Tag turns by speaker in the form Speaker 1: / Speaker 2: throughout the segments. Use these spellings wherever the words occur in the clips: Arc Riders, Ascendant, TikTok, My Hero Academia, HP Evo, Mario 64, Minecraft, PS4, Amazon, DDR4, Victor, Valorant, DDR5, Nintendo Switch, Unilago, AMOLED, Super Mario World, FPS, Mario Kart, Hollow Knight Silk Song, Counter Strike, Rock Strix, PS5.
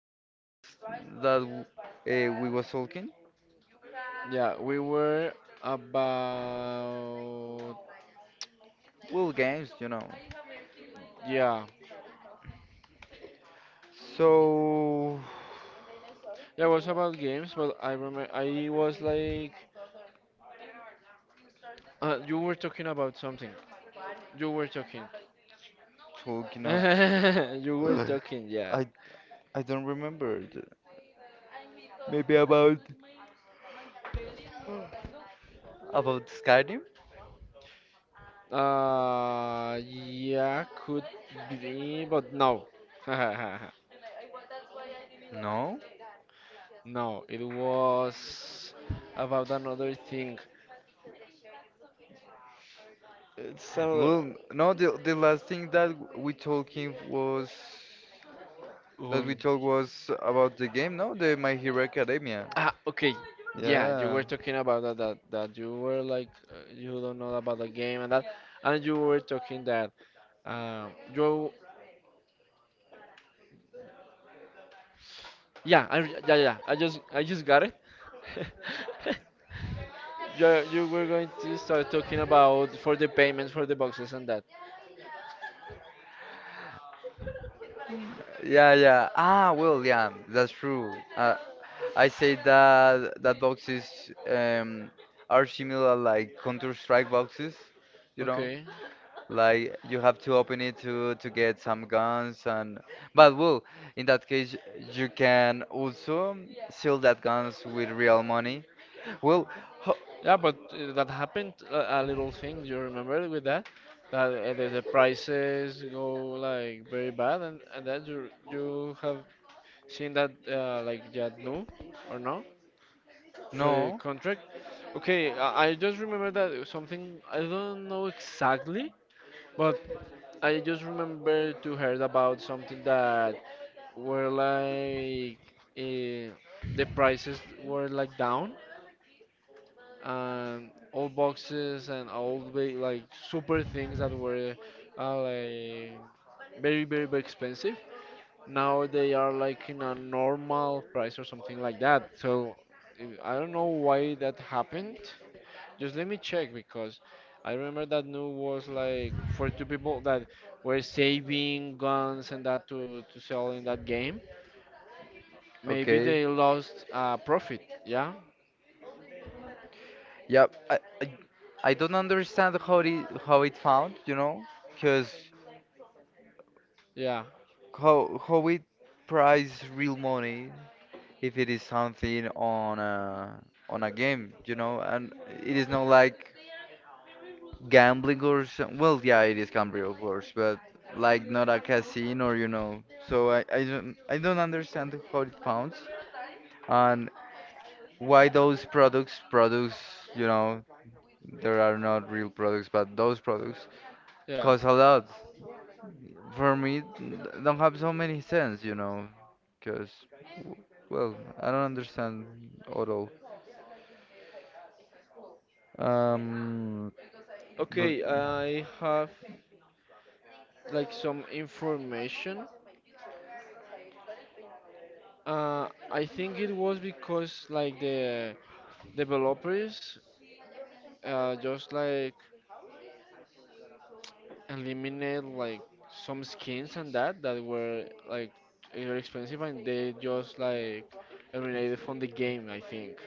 Speaker 1: What was
Speaker 2: yeah,
Speaker 1: that w- we was talking?
Speaker 2: yeah, we were about
Speaker 1: Well, games, you know.
Speaker 2: yeah,
Speaker 1: So
Speaker 2: yeah, it was about games, but I remember I was like, you were talking about something. You were talking.
Speaker 1: talking of,
Speaker 2: You were talking, yeah.
Speaker 1: I I don't remember. Maybe about Skyrim?
Speaker 2: Yeah, could be, but no.
Speaker 1: No.
Speaker 2: No, it was about another thing. It's another.
Speaker 1: Well, no. The last thing that we talking was, that we
Speaker 2: Um,
Speaker 1: told was about the game, no? The My Hero Academia.
Speaker 2: Ah, okay. Yeah, you
Speaker 1: Yeah.
Speaker 2: were talking about that you were like you don't know about the game and that, and you were talking that you yeah I, yeah, I just got it. You were going to start talking about for the payments for the boxes and that.
Speaker 1: Yeah, yeah. Ah, well, yeah, that's true. I say that boxes are similar like Counter Strike boxes, you know?
Speaker 2: Okay.
Speaker 1: Like you have to open it to get some guns and but well, in that case you can also sell that guns with real money. Well, ho
Speaker 2: Yeah, but that happened a little thing. You remember with that the prices go like very bad and that you have seeing that like Jadnu or no for a
Speaker 1: no.
Speaker 2: contract. Okay, I just remember that something I don't know exactly, but I just remember to heard about something that were like uh, the prices were like down and all boxes and all the like super things that were like very expensive now they are like in a normal price or something like that. So I don't know why that happened. Just let me check because I remember that new was like for two people that were saving guns and that to sell in that game. Maybe
Speaker 1: Okay.
Speaker 2: they lost profit. Yeah,
Speaker 1: Yeah, I don't understand how it found, you know, because
Speaker 2: yeah,
Speaker 1: how it price real money if it is something on a game, you know, and it is not like gambling or some, well, yeah, it is gambling of course, but like not a casino, you know. So I don't understand how it found, and why those products, you know. There are not real products, but those products
Speaker 2: yeah.
Speaker 1: cost a lot. For me, don't have so many sense, you know, because well, I don't understand at all. Um, but
Speaker 2: Okay, I have like some information. I think it was because like the developers just like eliminate like some skins and that were like either expensive and they just like eliminated from the game I think.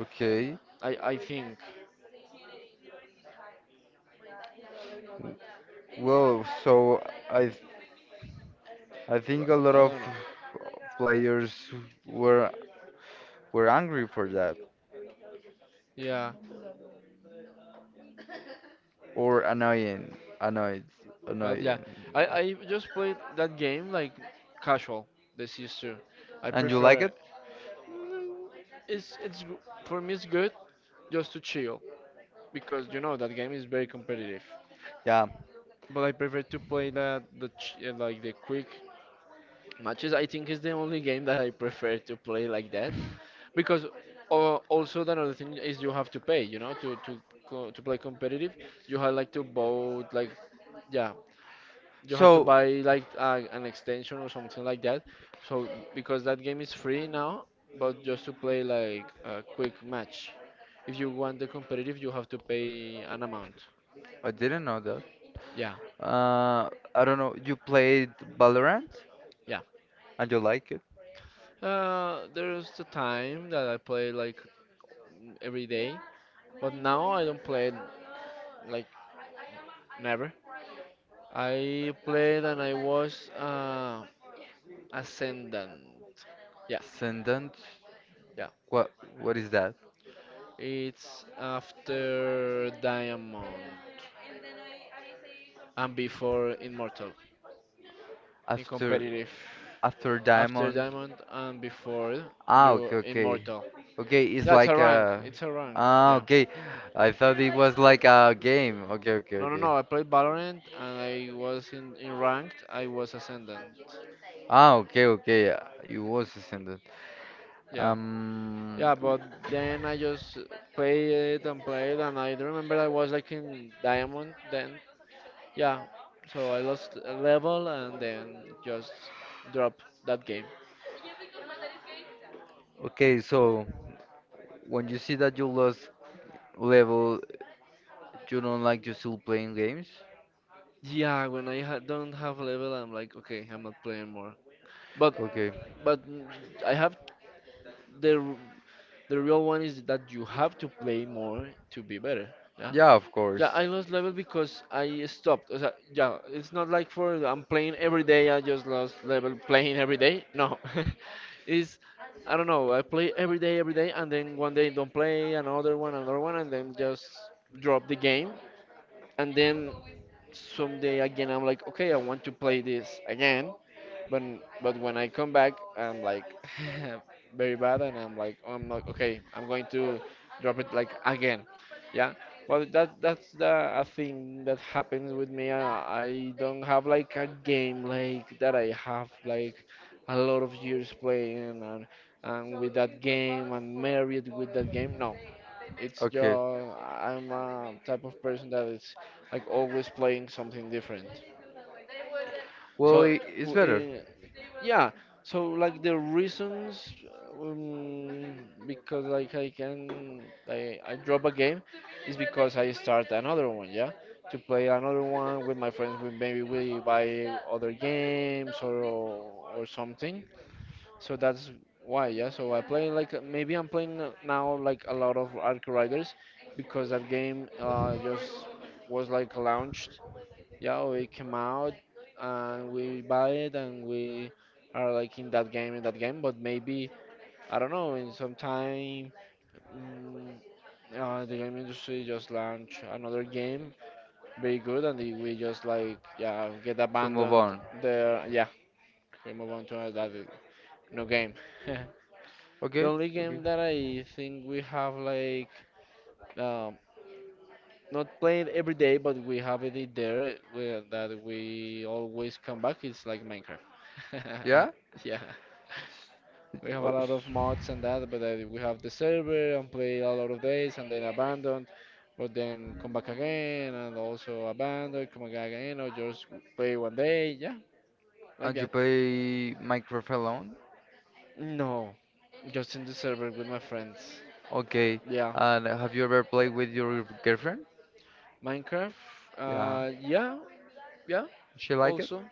Speaker 1: okay.
Speaker 2: I think.
Speaker 1: Well, so I, I think
Speaker 2: But
Speaker 1: a lot
Speaker 2: I
Speaker 1: of
Speaker 2: don't know,
Speaker 1: players were were angry for that.
Speaker 2: yeah,
Speaker 1: Or annoying. Annoyed.
Speaker 2: but yeah,
Speaker 1: Annoying.
Speaker 2: I just played that game like casual. This used to, I
Speaker 1: And you like
Speaker 2: prefer.
Speaker 1: it?
Speaker 2: Mm, it's for me it's good just to chill because you know that game is very competitive,
Speaker 1: Yeah.
Speaker 2: but I prefer to play that like the quick matches. I think is the only game that I prefer to play like that, because also the another thing is you have to pay, you know, to to play competitive. You have like to vote like, yeah, you have to
Speaker 1: So,
Speaker 2: buy like an extension or something like that, so because that game is free now, but just to play like a quick match, if you want the competitive you have to pay an amount.
Speaker 1: I didn't know that.
Speaker 2: yeah
Speaker 1: Uh, I don't know. You played Valorant?
Speaker 2: yeah
Speaker 1: And you like it?
Speaker 2: there's the time that I play like every day, but now I don't play it like never. I played and I was ascendant. Yeah,
Speaker 1: Ascendant?
Speaker 2: yeah.
Speaker 1: What what is that?
Speaker 2: It's after Diamond and before Immortal in
Speaker 1: After
Speaker 2: competitive.
Speaker 1: after
Speaker 2: After
Speaker 1: Diamond?
Speaker 2: Diamond and before
Speaker 1: Ah,
Speaker 2: you
Speaker 1: okay, okay.
Speaker 2: Immortal.
Speaker 1: Okay, it's
Speaker 2: Yeah, it's a
Speaker 1: like
Speaker 2: rank.
Speaker 1: a.
Speaker 2: It's a rank.
Speaker 1: Ah,
Speaker 2: Yeah.
Speaker 1: okay. I thought it was like a game. Okay, okay,
Speaker 2: No, no,
Speaker 1: okay.
Speaker 2: no. I played Valorant and I was in ranked. I was ascendant.
Speaker 1: Ah, okay, okay. You was extended.
Speaker 2: Yeah.
Speaker 1: Um.
Speaker 2: Yeah,
Speaker 1: w-
Speaker 2: but then I just played it and played, and I remember I was like in diamond then. Yeah, so I lost a level and then just drop that game.
Speaker 1: Okay, so when you see that you lost level, you don't like you still playing games?
Speaker 2: Yeah, when I ha don't have level, I'm like, okay, I'm not playing more. But
Speaker 1: Okay.
Speaker 2: but mm, I have the r- the real one is that you have to play more to be better. Yeah.
Speaker 1: Yeah, of course.
Speaker 2: Yeah, I lost level because I stopped. O sea, yeah, it's not like for I'm playing every day. I just lost level playing every day. No, it's I don't know. I play every day, and then one day don't play, another one, and then just drop the game. And then someday again, I'm like, okay, I want to play this again, but but when I come back, I'm like very bad, and I'm like, oh, I'm not okay. I'm going to drop it like again. Yeah. Well, that's the a thing that happens with me. I don't have like a game like that. I have like a lot of years playing and with that game and married with that game. No, it's just
Speaker 1: Okay.
Speaker 2: I'm a type of person that is like always playing something different.
Speaker 1: Well,
Speaker 2: So,
Speaker 1: it's
Speaker 2: w-
Speaker 1: better.
Speaker 2: uh, yeah. So like the reasons, um, because like I can, I drop a game, is because I start another one. Yeah, to play another one with my friends. We maybe we buy other games or something. So that's why. Yeah. So I play like maybe I'm playing now like a lot of Arc Riders, because that game just was like launched, yeah, we came out and we buy it and we are like in that game, in that game. But maybe I don't know. In some time, mm, the game industry just launch another game, very good, and we just like yeah get
Speaker 1: To move
Speaker 2: abandoned
Speaker 1: on.
Speaker 2: there. Yeah, we move on to that no game. The
Speaker 1: Okay,
Speaker 2: only
Speaker 1: okay.
Speaker 2: game that I think we have like, um, not play every day, but we have it in there where, that we always come back. It's like Minecraft.
Speaker 1: Yeah?
Speaker 2: Yeah, we have
Speaker 1: Uh,
Speaker 2: a lot
Speaker 1: s-
Speaker 2: of mods and that, but we have the server and play a lot of days and then abandoned, but then come back again and also abandon, come back again, or just play one day. Yeah, like
Speaker 1: And you
Speaker 2: that.
Speaker 1: play Minecraft alone?
Speaker 2: No, just in the server with my friends.
Speaker 1: Okay.
Speaker 2: Yeah.
Speaker 1: And have you ever played with your girlfriend?
Speaker 2: Minecraft.
Speaker 1: Yeah.
Speaker 2: Yeah, yeah.
Speaker 1: She like it?
Speaker 2: Also.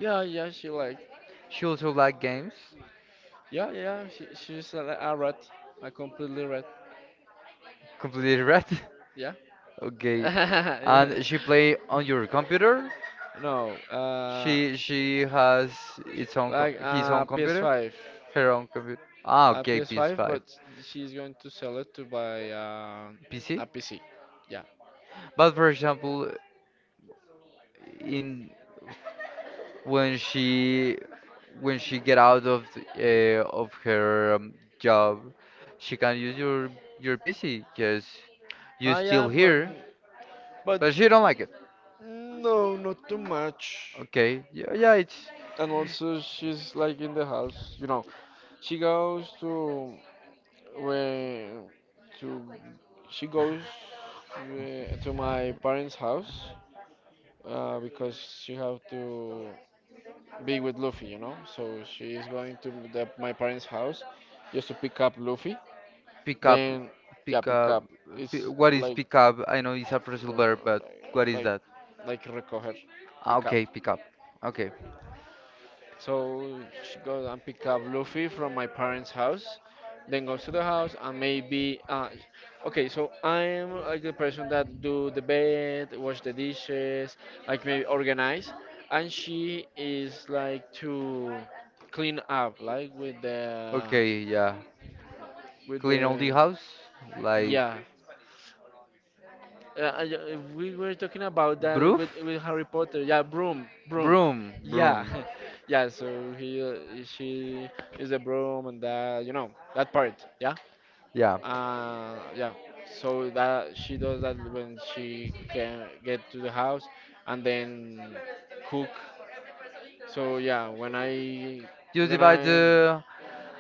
Speaker 2: Yeah, yeah, she like,
Speaker 1: She also like games?
Speaker 2: yeah, yeah, she's a rat, a completely rat,
Speaker 1: Completely right?
Speaker 2: yeah.
Speaker 1: Okay. And she play
Speaker 2: Yeah.
Speaker 1: on your computer?
Speaker 2: No,
Speaker 1: She has its own co
Speaker 2: like
Speaker 1: his
Speaker 2: a
Speaker 1: own computer,
Speaker 2: PS5,
Speaker 1: her own computer. Ah,
Speaker 2: a
Speaker 1: okay,
Speaker 2: PS5,
Speaker 1: PS5,
Speaker 2: but she's going to sell it to buy
Speaker 1: PC.
Speaker 2: a PC. Yeah.
Speaker 1: But for example, in when she when she get out of the, of her job, she can use your PC because you
Speaker 2: Ah, yeah,
Speaker 1: still here,
Speaker 2: but
Speaker 1: but she don't like it.
Speaker 2: no, not too much.
Speaker 1: Okay, yeah, yeah, it's
Speaker 2: And also, she's like in the house, you know. She goes to When to she goes to my parents' house because she have to be with Luffy, you know. So she is going to the, my parents' house just to pick up Luffy.
Speaker 1: pick up,
Speaker 2: Then yeah,
Speaker 1: pick
Speaker 2: pick
Speaker 1: up.
Speaker 2: up.
Speaker 1: P
Speaker 2: It's
Speaker 1: What is pick up? I know it's a
Speaker 2: uh,
Speaker 1: phrasal verb, but what is
Speaker 2: like
Speaker 1: that?
Speaker 2: like recoger,
Speaker 1: Ah,
Speaker 2: pick up.
Speaker 1: okay, pick up. Okay.
Speaker 2: So she goes and pick up Luffy from my parents' house, then goes to the house and maybe okay. So I'm like the person that do the bed, wash the dishes, like maybe organize, and she is like to clean up, like
Speaker 1: Okay, yeah.
Speaker 2: with
Speaker 1: Clean all the
Speaker 2: the
Speaker 1: house? Like
Speaker 2: yeah. We were talking about that
Speaker 1: broof?
Speaker 2: with Harry Potter. Yeah, broom, broom.
Speaker 1: Broom,
Speaker 2: Yeah,
Speaker 1: broom.
Speaker 2: yeah. So she is a broom and that, you know, that part. Yeah.
Speaker 1: Yeah.
Speaker 2: Yeah. So that she does that when she can get to the house and then cook. So yeah,
Speaker 1: You
Speaker 2: when
Speaker 1: divide
Speaker 2: I
Speaker 1: the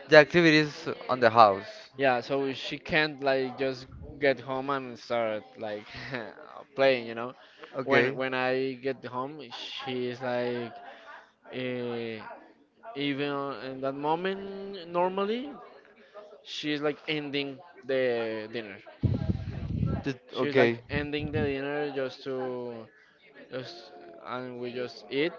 Speaker 1: the activities on the house.
Speaker 2: yeah, so she can't like just get home and start like playing, you know.
Speaker 1: Okay.
Speaker 2: When I get home, she is like uh, even in that moment normally she's like ending the dinner. She's
Speaker 1: Okay.
Speaker 2: like ending the dinner just to just and we just eat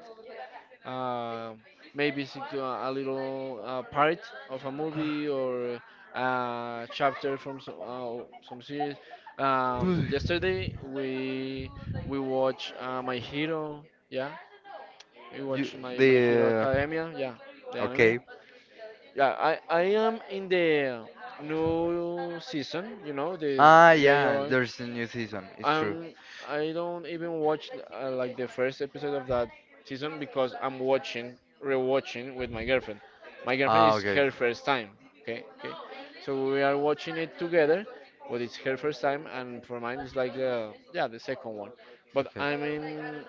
Speaker 2: uh, maybe six, a little part of a movie or a chapter from some series. Yesterday we watched My Hero. Yeah, we
Speaker 1: you,
Speaker 2: watched My Hero
Speaker 1: the
Speaker 2: Academia. Yeah, the anime.
Speaker 1: Okay.
Speaker 2: Yeah, I am in the new season. You know, the
Speaker 1: Ah,
Speaker 2: they
Speaker 1: yeah,
Speaker 2: are
Speaker 1: there's a new season. It's true.
Speaker 2: um, I don't even watch like the first episode of that season because I'm watching, rewatching with my girlfriend. My girlfriend
Speaker 1: Ah,
Speaker 2: is
Speaker 1: okay,
Speaker 2: her first time. Okay, okay. So we are watching it together, but it's her first time, and for mine it's like the yeah the second one. But
Speaker 1: okay,
Speaker 2: I mean,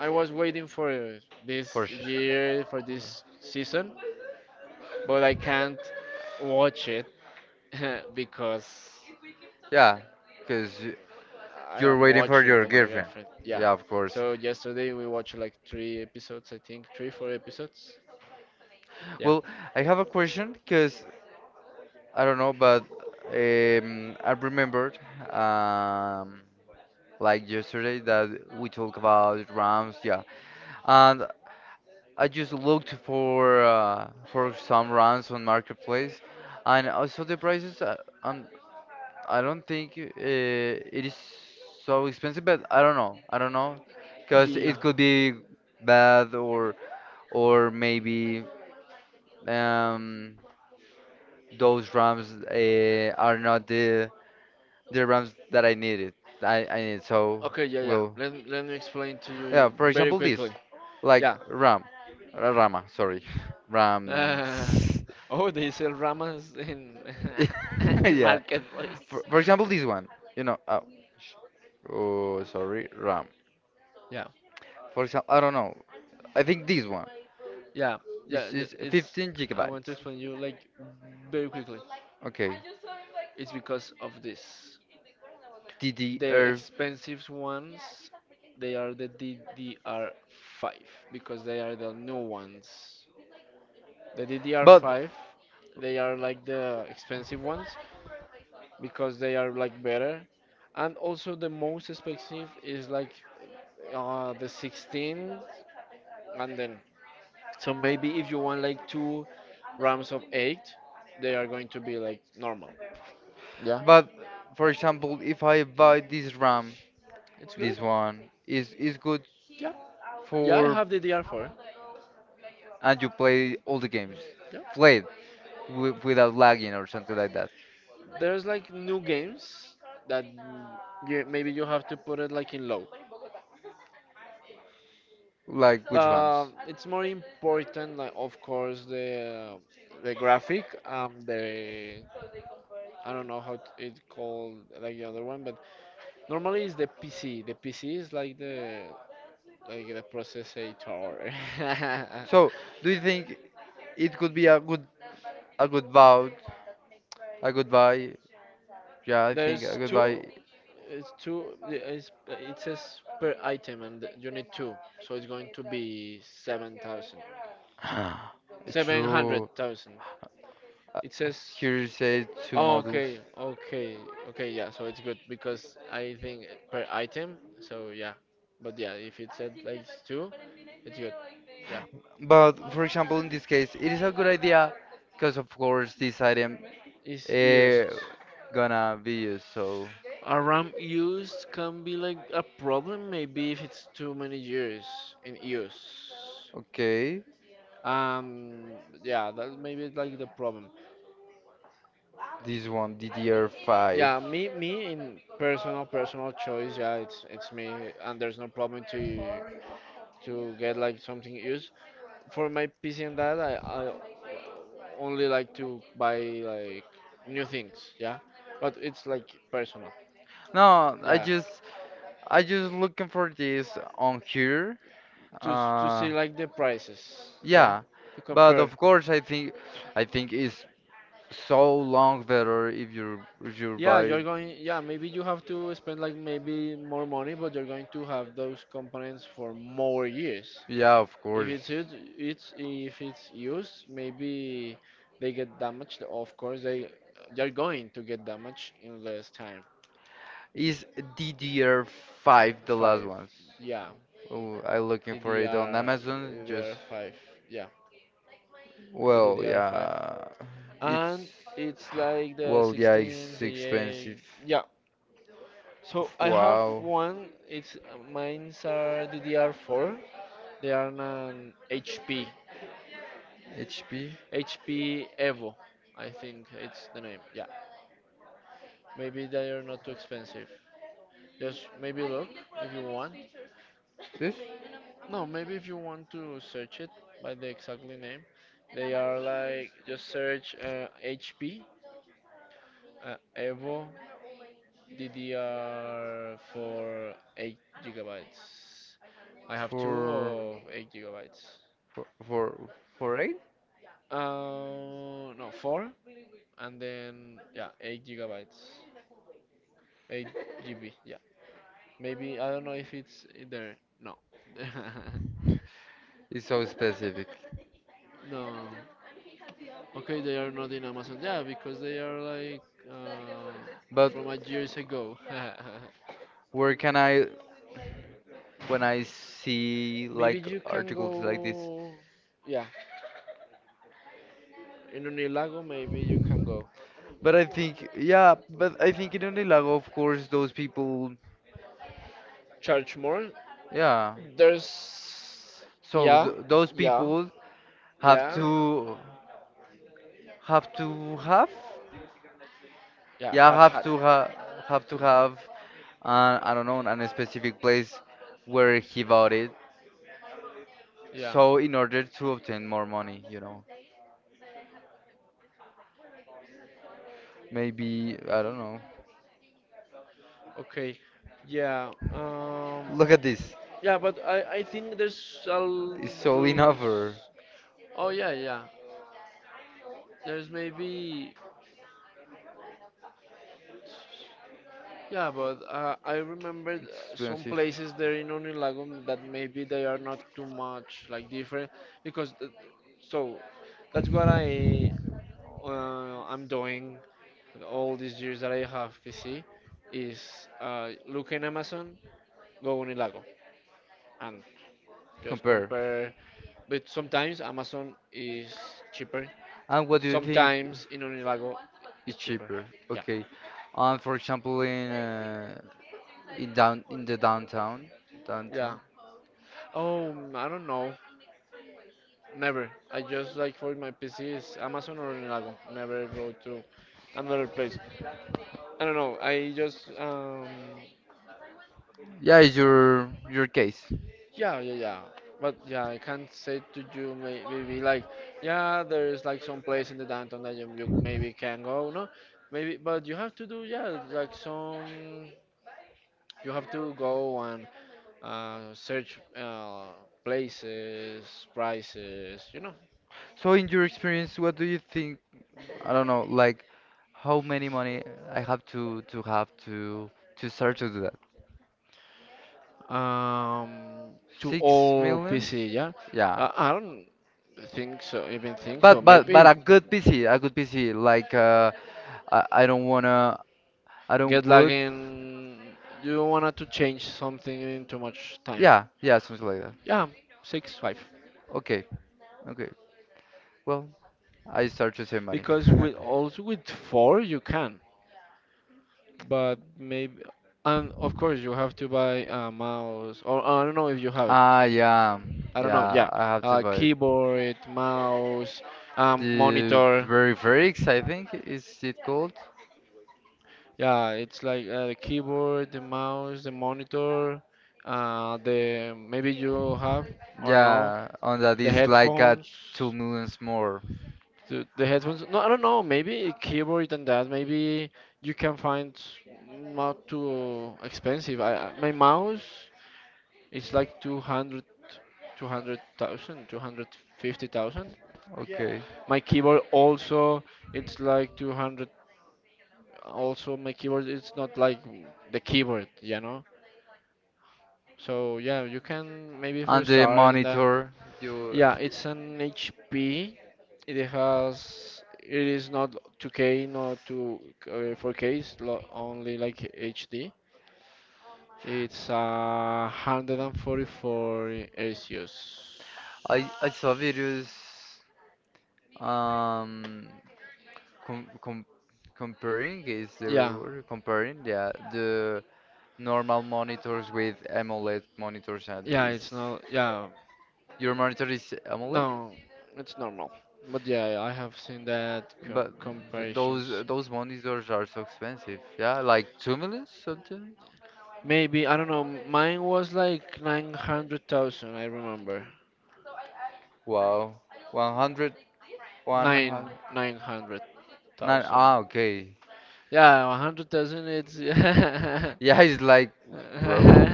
Speaker 2: I was waiting for this
Speaker 1: for sure.
Speaker 2: year for this season, but I can't watch it because.
Speaker 1: Yeah, because
Speaker 2: I
Speaker 1: you're
Speaker 2: am
Speaker 1: waiting for
Speaker 2: watching
Speaker 1: your
Speaker 2: with my
Speaker 1: girlfriend.
Speaker 2: girlfriend. Yeah.
Speaker 1: Yeah, of course.
Speaker 2: So yesterday we watched like three episodes, I think, three, four episodes. Yeah.
Speaker 1: Well, I have a question because I don't know, but I remembered um, like yesterday that we talked about RAMs, yeah, and I just looked for some RAMs on marketplace, and I saw the prices, and I don't think it is so expensive, but I don't know. I don't know, because
Speaker 2: Yeah.
Speaker 1: it could be bad or maybe um, those RAMs are not the RAMs that I needed. I need so
Speaker 2: Okay. Yeah. Yeah.
Speaker 1: will,
Speaker 2: Let me explain to you
Speaker 1: yeah. For
Speaker 2: very
Speaker 1: example, this
Speaker 2: quickly.
Speaker 1: like
Speaker 2: Yeah.
Speaker 1: RAM, Rama. Sorry, RAM.
Speaker 2: Uh, oh, they sell ramas in in
Speaker 1: yeah.
Speaker 2: marketplace.
Speaker 1: For example, this one. You know. Oh, sorry. RAM.
Speaker 2: Yeah.
Speaker 1: For example, I don't know. I think this one.
Speaker 2: Yeah.
Speaker 1: It's,
Speaker 2: Yeah,
Speaker 1: it's
Speaker 2: It's.
Speaker 1: 15
Speaker 2: I want to
Speaker 1: gigabytes.
Speaker 2: explain you like very quickly.
Speaker 1: Okay.
Speaker 2: It's because of this. The
Speaker 1: DDR.
Speaker 2: expensive ones, they are the DDR5 because they are the new ones. The
Speaker 1: But,
Speaker 2: DDR5, they are like the expensive ones because they are like better. And also the most expensive is like the 16 and then, so maybe if you want like two RAMs of 8, they are going to be like normal. Yeah.
Speaker 1: but for example, if I buy this RAM,
Speaker 2: It's right good.
Speaker 1: this one is good
Speaker 2: Yeah. Yeah, I
Speaker 1: for
Speaker 2: have the DR4.
Speaker 1: and you play all the games,
Speaker 2: Yeah.
Speaker 1: played without lagging or something like that.
Speaker 2: There's like new games that you, maybe you have to put it like in low.
Speaker 1: Like which ones?
Speaker 2: But it's more important like of course the graphic the I don't know how it called like the other one, but normally it's the PC. The PC is like the processor.
Speaker 1: So, do you think it could be a good, bout, a goodbye? Yeah, I think a
Speaker 2: There's two.
Speaker 1: goodbye.
Speaker 2: It's two. Yeah, It's, it says per item, and you need two, so it's going to be 7,000,
Speaker 1: It's
Speaker 2: seven hundred
Speaker 1: true.
Speaker 2: thousand.
Speaker 1: Uh,
Speaker 2: It says.
Speaker 1: Here it says two
Speaker 2: Oh,
Speaker 1: models.
Speaker 2: okay, okay, okay. Yeah, so it's good because I think per item. So yeah, but yeah, if it said like two, it's good. Yeah,
Speaker 1: But for example, in this case, it is a good idea because of course this item
Speaker 2: it's used.
Speaker 1: eh, gonna be used. So
Speaker 2: A RAM used can be like a problem maybe if it's too many years in use.
Speaker 1: okay,
Speaker 2: Um, yeah, that maybe it's like the problem.
Speaker 1: this one DDR5.
Speaker 2: Yeah, me in personal choice. Yeah, it's me, and there's no problem to get like something used. For my PC and that, I only like to buy like new things. Yeah, but it's like personal.
Speaker 1: No, I
Speaker 2: Yeah,
Speaker 1: just I just looking for this on here.
Speaker 2: to s- to
Speaker 1: Uh,
Speaker 2: see like the prices. Yeah,
Speaker 1: yeah,
Speaker 2: to
Speaker 1: but
Speaker 2: compare.
Speaker 1: of course I think it's so long better if you
Speaker 2: Yeah, you're
Speaker 1: buy.
Speaker 2: going, yeah, maybe you have to spend like maybe more money, but you're going to have those components for more years.
Speaker 1: Yeah, of
Speaker 2: If
Speaker 1: course.
Speaker 2: it's used, it's if it's used, maybe they get damaged. Of course, they're going to get damaged in less time.
Speaker 1: Is DDR5 the last
Speaker 2: Five,
Speaker 1: ones?
Speaker 2: yeah,
Speaker 1: Oh, I looking for it on Amazon.
Speaker 2: DDR,
Speaker 1: Just,
Speaker 2: DDR5, yeah, the
Speaker 1: well,
Speaker 2: DDR5,
Speaker 1: yeah,
Speaker 2: and
Speaker 1: it's,
Speaker 2: it's like the
Speaker 1: well, yeah,
Speaker 2: 16s,
Speaker 1: it's
Speaker 2: the 8,
Speaker 1: expensive.
Speaker 2: yeah. So I have
Speaker 1: Wow.
Speaker 2: one. It's Mines are DDR4. They are an HP,
Speaker 1: HP?
Speaker 2: HP Evo. I think it's the name. Yeah. Maybe they are not too expensive. Just maybe look if you want.
Speaker 1: This?
Speaker 2: No, maybe if you want to search it by the exactly name. They are like just search HP Evo DDR4 8 gigabytes. I have two
Speaker 1: For,
Speaker 2: of 8 gigabytes.
Speaker 1: for, for, for eight?
Speaker 2: No, four, and then yeah, 8 gigabytes, eight GB. Yeah, maybe I don't know if it's in there. No,
Speaker 1: It's so specific.
Speaker 2: no. Okay, they are not in Amazon. Yeah, because they are like
Speaker 1: But
Speaker 2: from a years ago.
Speaker 1: where can I, when I see
Speaker 2: Maybe
Speaker 1: like
Speaker 2: you can
Speaker 1: articles like this?
Speaker 2: go. Yeah, in Unilago, maybe you can go.
Speaker 1: But I think, yeah, but I think in Unilago, of course, those people,
Speaker 2: Charge more.
Speaker 1: yeah.
Speaker 2: There's
Speaker 1: So th
Speaker 2: yeah,
Speaker 1: those
Speaker 2: yeah,
Speaker 1: people have
Speaker 2: yeah.
Speaker 1: to have to have,
Speaker 2: Yeah,
Speaker 1: yeah,
Speaker 2: had
Speaker 1: have
Speaker 2: had.
Speaker 1: to ha have to
Speaker 2: Yeah.
Speaker 1: have, I don't know, an a specific place where he bought it.
Speaker 2: Yeah.
Speaker 1: So in order to obtain more money, you know, maybe I don't know.
Speaker 2: Okay. Yeah.
Speaker 1: Look at this.
Speaker 2: Yeah, but I think there's a l-
Speaker 1: It's all in
Speaker 2: there's,
Speaker 1: offer.
Speaker 2: oh, yeah, yeah, there's maybe, yeah, but I remembered some places there in Unilago that maybe they are not too much like different, because th- so that's what I'm doing all these years that I have PC is look in Amazon, go Unilago, and just
Speaker 1: Compare.
Speaker 2: compare. But sometimes Amazon is cheaper.
Speaker 1: And what
Speaker 2: Sometimes in Unilago it's
Speaker 1: is
Speaker 2: cheaper.
Speaker 1: cheaper?
Speaker 2: Yeah,
Speaker 1: Okay. For example, in down in the downtown,
Speaker 2: yeah.
Speaker 1: downtown.
Speaker 2: Oh, I don't know. Never. I just like for my PC is Amazon or Unilago. Never go to another place. I don't know. I just
Speaker 1: Yeah, it's your case.
Speaker 2: Yeah, yeah, yeah. But yeah, I can't say to you maybe like, yeah, there's like some place in the downtown that you maybe can go, no? Maybe, but you have to do, yeah, like some, you have to go and search places, prices,
Speaker 1: So in your experience, what do you think? I don't know, like how many money I have to have to start to do that?
Speaker 2: um, to
Speaker 1: Six
Speaker 2: all
Speaker 1: millions?
Speaker 2: PC, yeah?
Speaker 1: Yeah.
Speaker 2: I don't think so, even think so.
Speaker 1: But
Speaker 2: Maybe
Speaker 1: a good PC, a good PC. Like I don't wanna, I don't
Speaker 2: get like
Speaker 1: would.
Speaker 2: in, you wanted to change something in too much time.
Speaker 1: Yeah, yeah, something like that.
Speaker 2: Yeah, six five.
Speaker 1: Okay, okay. Well, I start to save money.
Speaker 2: Because with also with four you can, but maybe and of course you have to buy a mouse or I don't know if you have it.
Speaker 1: Ah, yeah,
Speaker 2: I don't know. Yeah,
Speaker 1: yeah. I have to buy it.
Speaker 2: keyboard, mouse,
Speaker 1: The
Speaker 2: monitor.
Speaker 1: Veriferix, I think, is it called?
Speaker 2: Yeah, it's like the keyboard, the mouse, the monitor, the maybe you have or no
Speaker 1: Yeah, on that
Speaker 2: the
Speaker 1: is like a
Speaker 2: headphones.
Speaker 1: 2 millions more.
Speaker 2: The headphones? No, I don't know. Maybe keyboard than that. Maybe you can find not too expensive. My mouse is like two hundred two hundred thousand two hundred fifty thousand.
Speaker 1: Okay.
Speaker 2: My keyboard also, it's like 200. Also, my keyboard, it's not like the keyboard, you know? So yeah, you can maybe for
Speaker 1: And the
Speaker 2: start and that.
Speaker 1: monitor, you,
Speaker 2: Yeah, it's an HP. It has. It is not 2K, not 2 uh, 4K. It's only like HD. It's 144 hercios.
Speaker 1: I saw videos um com com comparing, is the
Speaker 2: Yeah,
Speaker 1: word comparing, yeah, the normal monitors with AMOLED monitors, and
Speaker 2: yeah. It's not. Yeah.
Speaker 1: your monitor is AMOLED?
Speaker 2: No, it's normal. But yeah, I have seen that co-
Speaker 1: But those
Speaker 2: comparisons.
Speaker 1: those monitors are so expensive. Yeah, like 2 million something.
Speaker 2: Maybe I don't know. Mine was like 900,000. I remember
Speaker 1: Wow, 100, one
Speaker 2: nine
Speaker 1: hundred
Speaker 2: nine hundred
Speaker 1: nine.
Speaker 2: thousand.
Speaker 1: Ah, okay.
Speaker 2: Yeah, 100,000. It's
Speaker 1: Yeah, it's like, bro.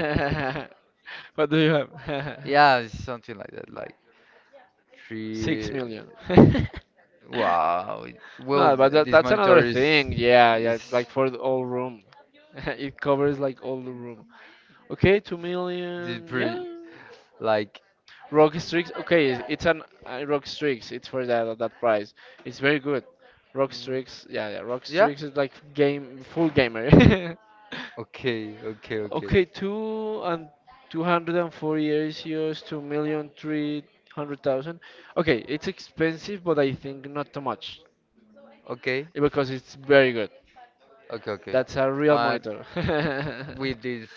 Speaker 2: what do you have?
Speaker 1: Yeah, it's something like that. Like
Speaker 2: Six
Speaker 1: three.
Speaker 2: million.
Speaker 1: Wow. Well,
Speaker 2: No, but that,
Speaker 1: this
Speaker 2: that's
Speaker 1: monitor
Speaker 2: another
Speaker 1: is
Speaker 2: thing. Yeah, yeah. It's
Speaker 1: is
Speaker 2: like for the whole room. It covers like all the room. Okay, two
Speaker 1: the
Speaker 2: million.
Speaker 1: pre
Speaker 2: Yeah,
Speaker 1: like.
Speaker 2: Rock Strix. Okay, it's an Rock Strix. It's for that price. It's very good. Rock
Speaker 1: Mm,
Speaker 2: Strix. Yeah, yeah. Rock
Speaker 1: yeah.
Speaker 2: Strix is like game full gamer.
Speaker 1: Okay. Okay.
Speaker 2: Okay,
Speaker 1: Okay.
Speaker 2: 2 and 240 euros, 2,300,000. Okay, it's expensive, but I think not too much,
Speaker 1: Okay.
Speaker 2: because it's very good.
Speaker 1: Okay. Okay.
Speaker 2: That's a real
Speaker 1: And
Speaker 2: monitor.
Speaker 1: with this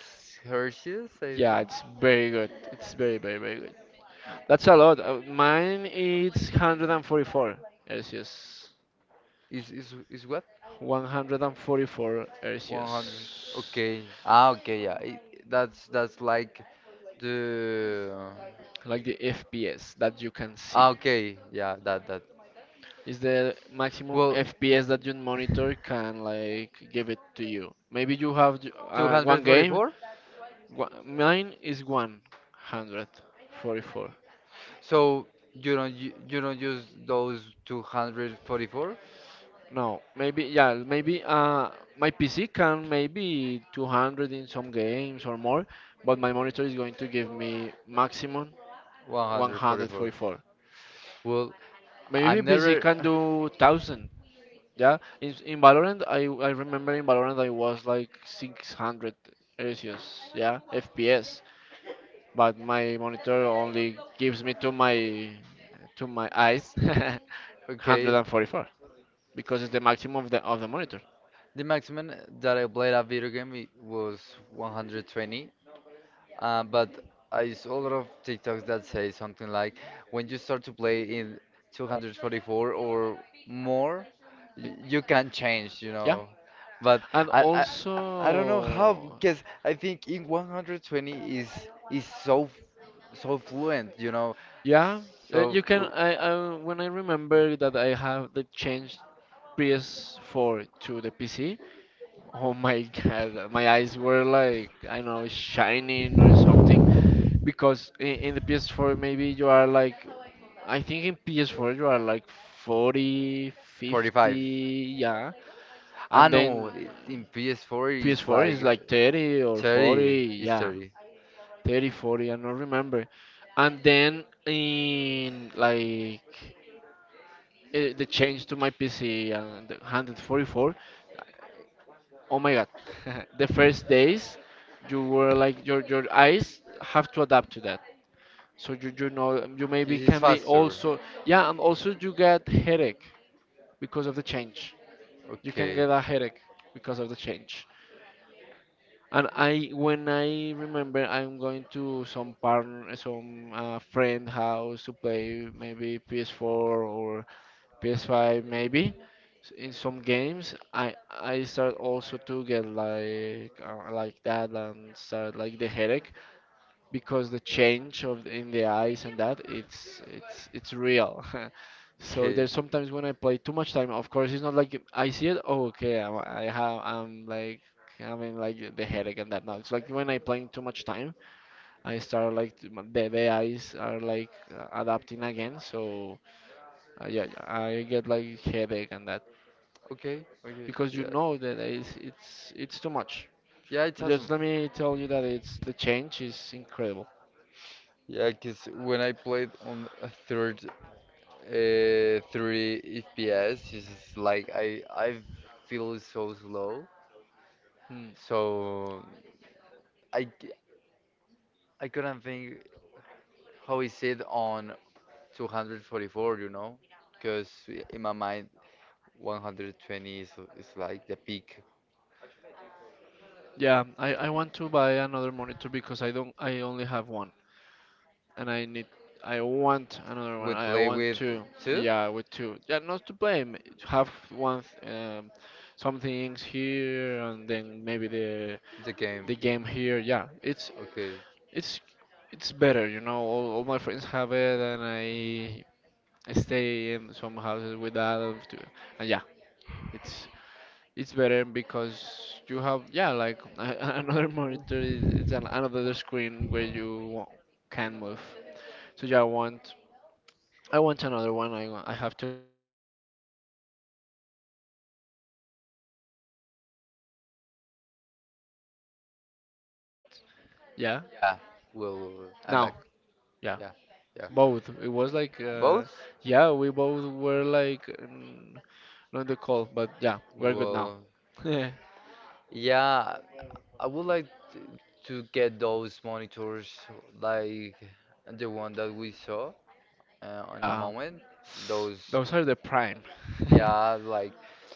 Speaker 1: Hershey's, I
Speaker 2: Yeah,
Speaker 1: think.
Speaker 2: it's very good. It's very very very good. That's a lot. Mine is 144. Celsius.
Speaker 1: Is what?
Speaker 2: 144
Speaker 1: 100.
Speaker 2: hercios,
Speaker 1: Okay. Ah, okay, yeah. It, that's like the.
Speaker 2: like the fps that you can see,
Speaker 1: Ah, okay. Yeah, that.
Speaker 2: is the maximum
Speaker 1: Well,
Speaker 2: fps that your monitor can like give it to you. Maybe you have one game.
Speaker 1: 244?
Speaker 2: Mine is 144.
Speaker 1: So you don't use those 244?
Speaker 2: No, maybe, yeah, maybe my pc can maybe 200 in some games or more, but my monitor is going to give me maximum
Speaker 1: 144.
Speaker 2: 144.
Speaker 1: Well,
Speaker 2: Maybe
Speaker 1: I'm
Speaker 2: PC
Speaker 1: never
Speaker 2: can do thousand. Yeah, in Valorant, I remember in Valorant I was like 600 Celsius, yeah, FPS. But my monitor only gives me to my eyes
Speaker 1: okay.
Speaker 2: 144, because it's the maximum of the monitor.
Speaker 1: The maximum that I played a video game it was 120. But I saw a lot of TikToks that say something like, when you start to play in 244 or more,
Speaker 2: Y-
Speaker 1: you can change, you
Speaker 2: Yeah,
Speaker 1: know. But
Speaker 2: and
Speaker 1: I, I, I don't know how,
Speaker 2: also
Speaker 1: because I think in 120 is so fluent, you know.
Speaker 2: yeah,
Speaker 1: So
Speaker 2: you can.
Speaker 1: l-
Speaker 2: I when I remember that I have the changed PS4 to the PC. Oh my God, my eyes were like I don't know shining or something. Because in the PS4 maybe you are like, I think in PS4 you are like 40,
Speaker 1: 45.
Speaker 2: 50, yeah,
Speaker 1: I
Speaker 2: and
Speaker 1: know
Speaker 2: then
Speaker 1: in PS4 is
Speaker 2: PS4
Speaker 1: like
Speaker 2: is like 30 or 40,
Speaker 1: 30, is
Speaker 2: yeah,
Speaker 1: 30.
Speaker 2: 30, 40. I don't remember. And then in like the change to my PC and the 144. Oh my god. The first days you were like your eyes have to adapt to that. So you
Speaker 1: 'Cause
Speaker 2: maybe
Speaker 1: it's
Speaker 2: can be
Speaker 1: faster.
Speaker 2: also, yeah, and also you get headache because of the change. You can
Speaker 1: Okay.
Speaker 2: get a headache because of the change. And I when I remember I'm going to some partner, some friend house to play maybe PS4 or PS5 maybe. In some games, I start also to get like that and start like the headache because the change of the- in the eyes and that it's real. So
Speaker 1: Okay.
Speaker 2: there's sometimes when I play too much time. Of course, it's not like I see it. Oh, okay, I'm, I have I'm like having like the headache and that. Now it's like when I playing too much time, I start like the eyes are like adapting again. So. Yeah, I get like headache and that
Speaker 1: Okay, okay,
Speaker 2: because you
Speaker 1: yeah.
Speaker 2: know that it's too much.
Speaker 1: Yeah, it's
Speaker 2: But just
Speaker 1: awesome.
Speaker 2: let me tell you that it's the change is incredible.
Speaker 1: Yeah, because when I played on a third, 30 FPS, it's just like I feel so slow.
Speaker 2: Hmm.
Speaker 1: So I c- I couldn't think how is it on 244, you know? Because in my mind 120 is like the peak.
Speaker 2: Yeah, I want to buy another monitor because I don't I only have one and I want another one.
Speaker 1: We
Speaker 2: I
Speaker 1: play
Speaker 2: want
Speaker 1: with
Speaker 2: two.
Speaker 1: two
Speaker 2: Yeah, with two. Yeah, not to blame. Have one some things here and then maybe the
Speaker 1: the game.
Speaker 2: the game here. Yeah,
Speaker 1: Okay.
Speaker 2: It's it's better. All my friends have it, and I stay in some houses with that, and and yeah, it's it's better because you have yeah like another monitor. It's another screen where you can move. So yeah, I want another one. I want, I have to look and I have to
Speaker 1: Yeah.
Speaker 2: save and that.
Speaker 1: I I,
Speaker 2: But yeah.
Speaker 1: I
Speaker 2: Oh, I got disconnect. Yeah.
Speaker 1: Yeah. Well, I'm back.
Speaker 2: Now. Yeah.
Speaker 1: Yeah. Yeah.
Speaker 2: Both. It was like,
Speaker 1: Both?
Speaker 2: yeah, we both were like not in the call, but yeah, we're good now.
Speaker 1: Well, yeah. I would like to, to get those monitors like the one that we saw in a
Speaker 2: Yeah,
Speaker 1: moment. Those.
Speaker 2: those are the prime.
Speaker 1: Yeah, like,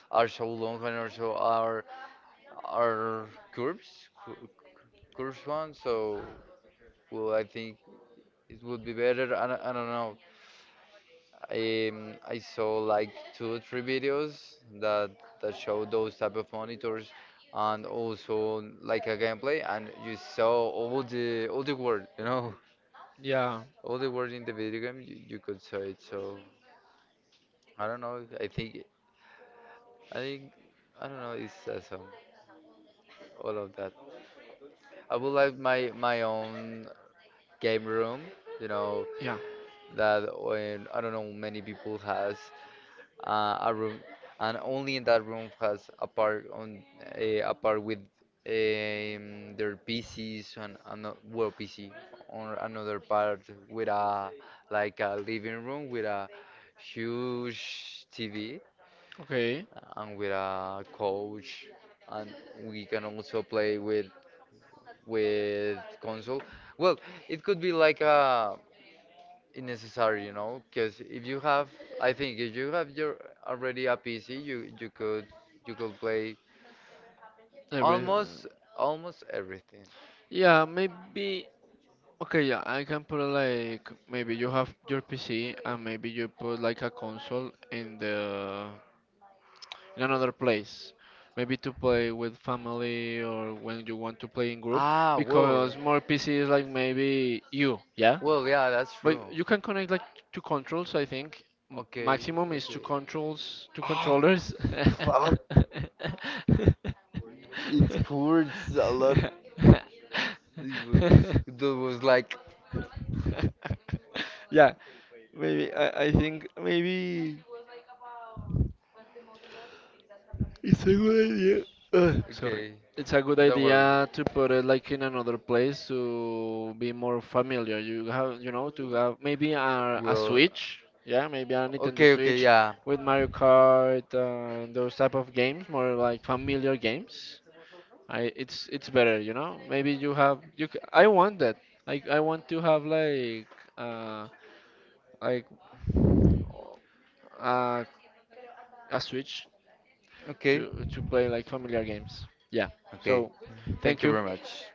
Speaker 1: are so long and also are curves, cu- curves one. So well, I think it would be better. I, I don't know. I saw like two or three videos that that show those type of monitors, and also like a gameplay, and you saw all the word, you know,
Speaker 2: Yeah,
Speaker 1: all the words in the video game. You could saw it. So I don't know. I think I don't know. It's awesome. All of that. I would like my own game room, you know,
Speaker 2: yeah.
Speaker 1: that when I don't know many people has a room, and only in that room has a part on a part with their PCs, and another well PC or another part with a like a living room with a huge TV,
Speaker 2: Okay.
Speaker 1: and with a couch, and we can also play with console. Well, it could be like a necessary, you know, because if you have, I think if you have your already a PC, you could play
Speaker 2: Every.
Speaker 1: almost almost everything.
Speaker 2: Yeah, maybe. Okay, yeah, I can put like maybe you have your PC and maybe you put like a console in the in another place. Maybe to play with family or when you want to play in group,
Speaker 1: Ah, well,
Speaker 2: because okay. More PC is like maybe you, yeah.
Speaker 1: well, yeah, that's true.
Speaker 2: But you can connect like two controls, I think. M okay.
Speaker 1: Okay,
Speaker 2: Maximum is two
Speaker 1: okay.
Speaker 2: controls, two controllers.
Speaker 1: Fuck, it hurts a lot. It wa- That was like,
Speaker 2: Yeah, maybe I think maybe it's a good idea. Ugh, sorry.
Speaker 1: okay,
Speaker 2: It's a good
Speaker 1: don't worry.
Speaker 2: idea to put it like in another place to be more familiar. You have, to have maybe a
Speaker 1: Well,
Speaker 2: Switch. Yeah, maybe a Nintendo
Speaker 1: okay, okay,
Speaker 2: Switch
Speaker 1: yeah.
Speaker 2: with Mario Kart and those type of games, more like familiar games. I it's better. Maybe you have you. I want that. Like I want to have uh like uh, a Switch
Speaker 1: Okay,
Speaker 2: to play like familiar games. Yeah.
Speaker 1: okay.
Speaker 2: So,
Speaker 1: Thank
Speaker 2: thank
Speaker 1: you
Speaker 2: you.
Speaker 1: very much.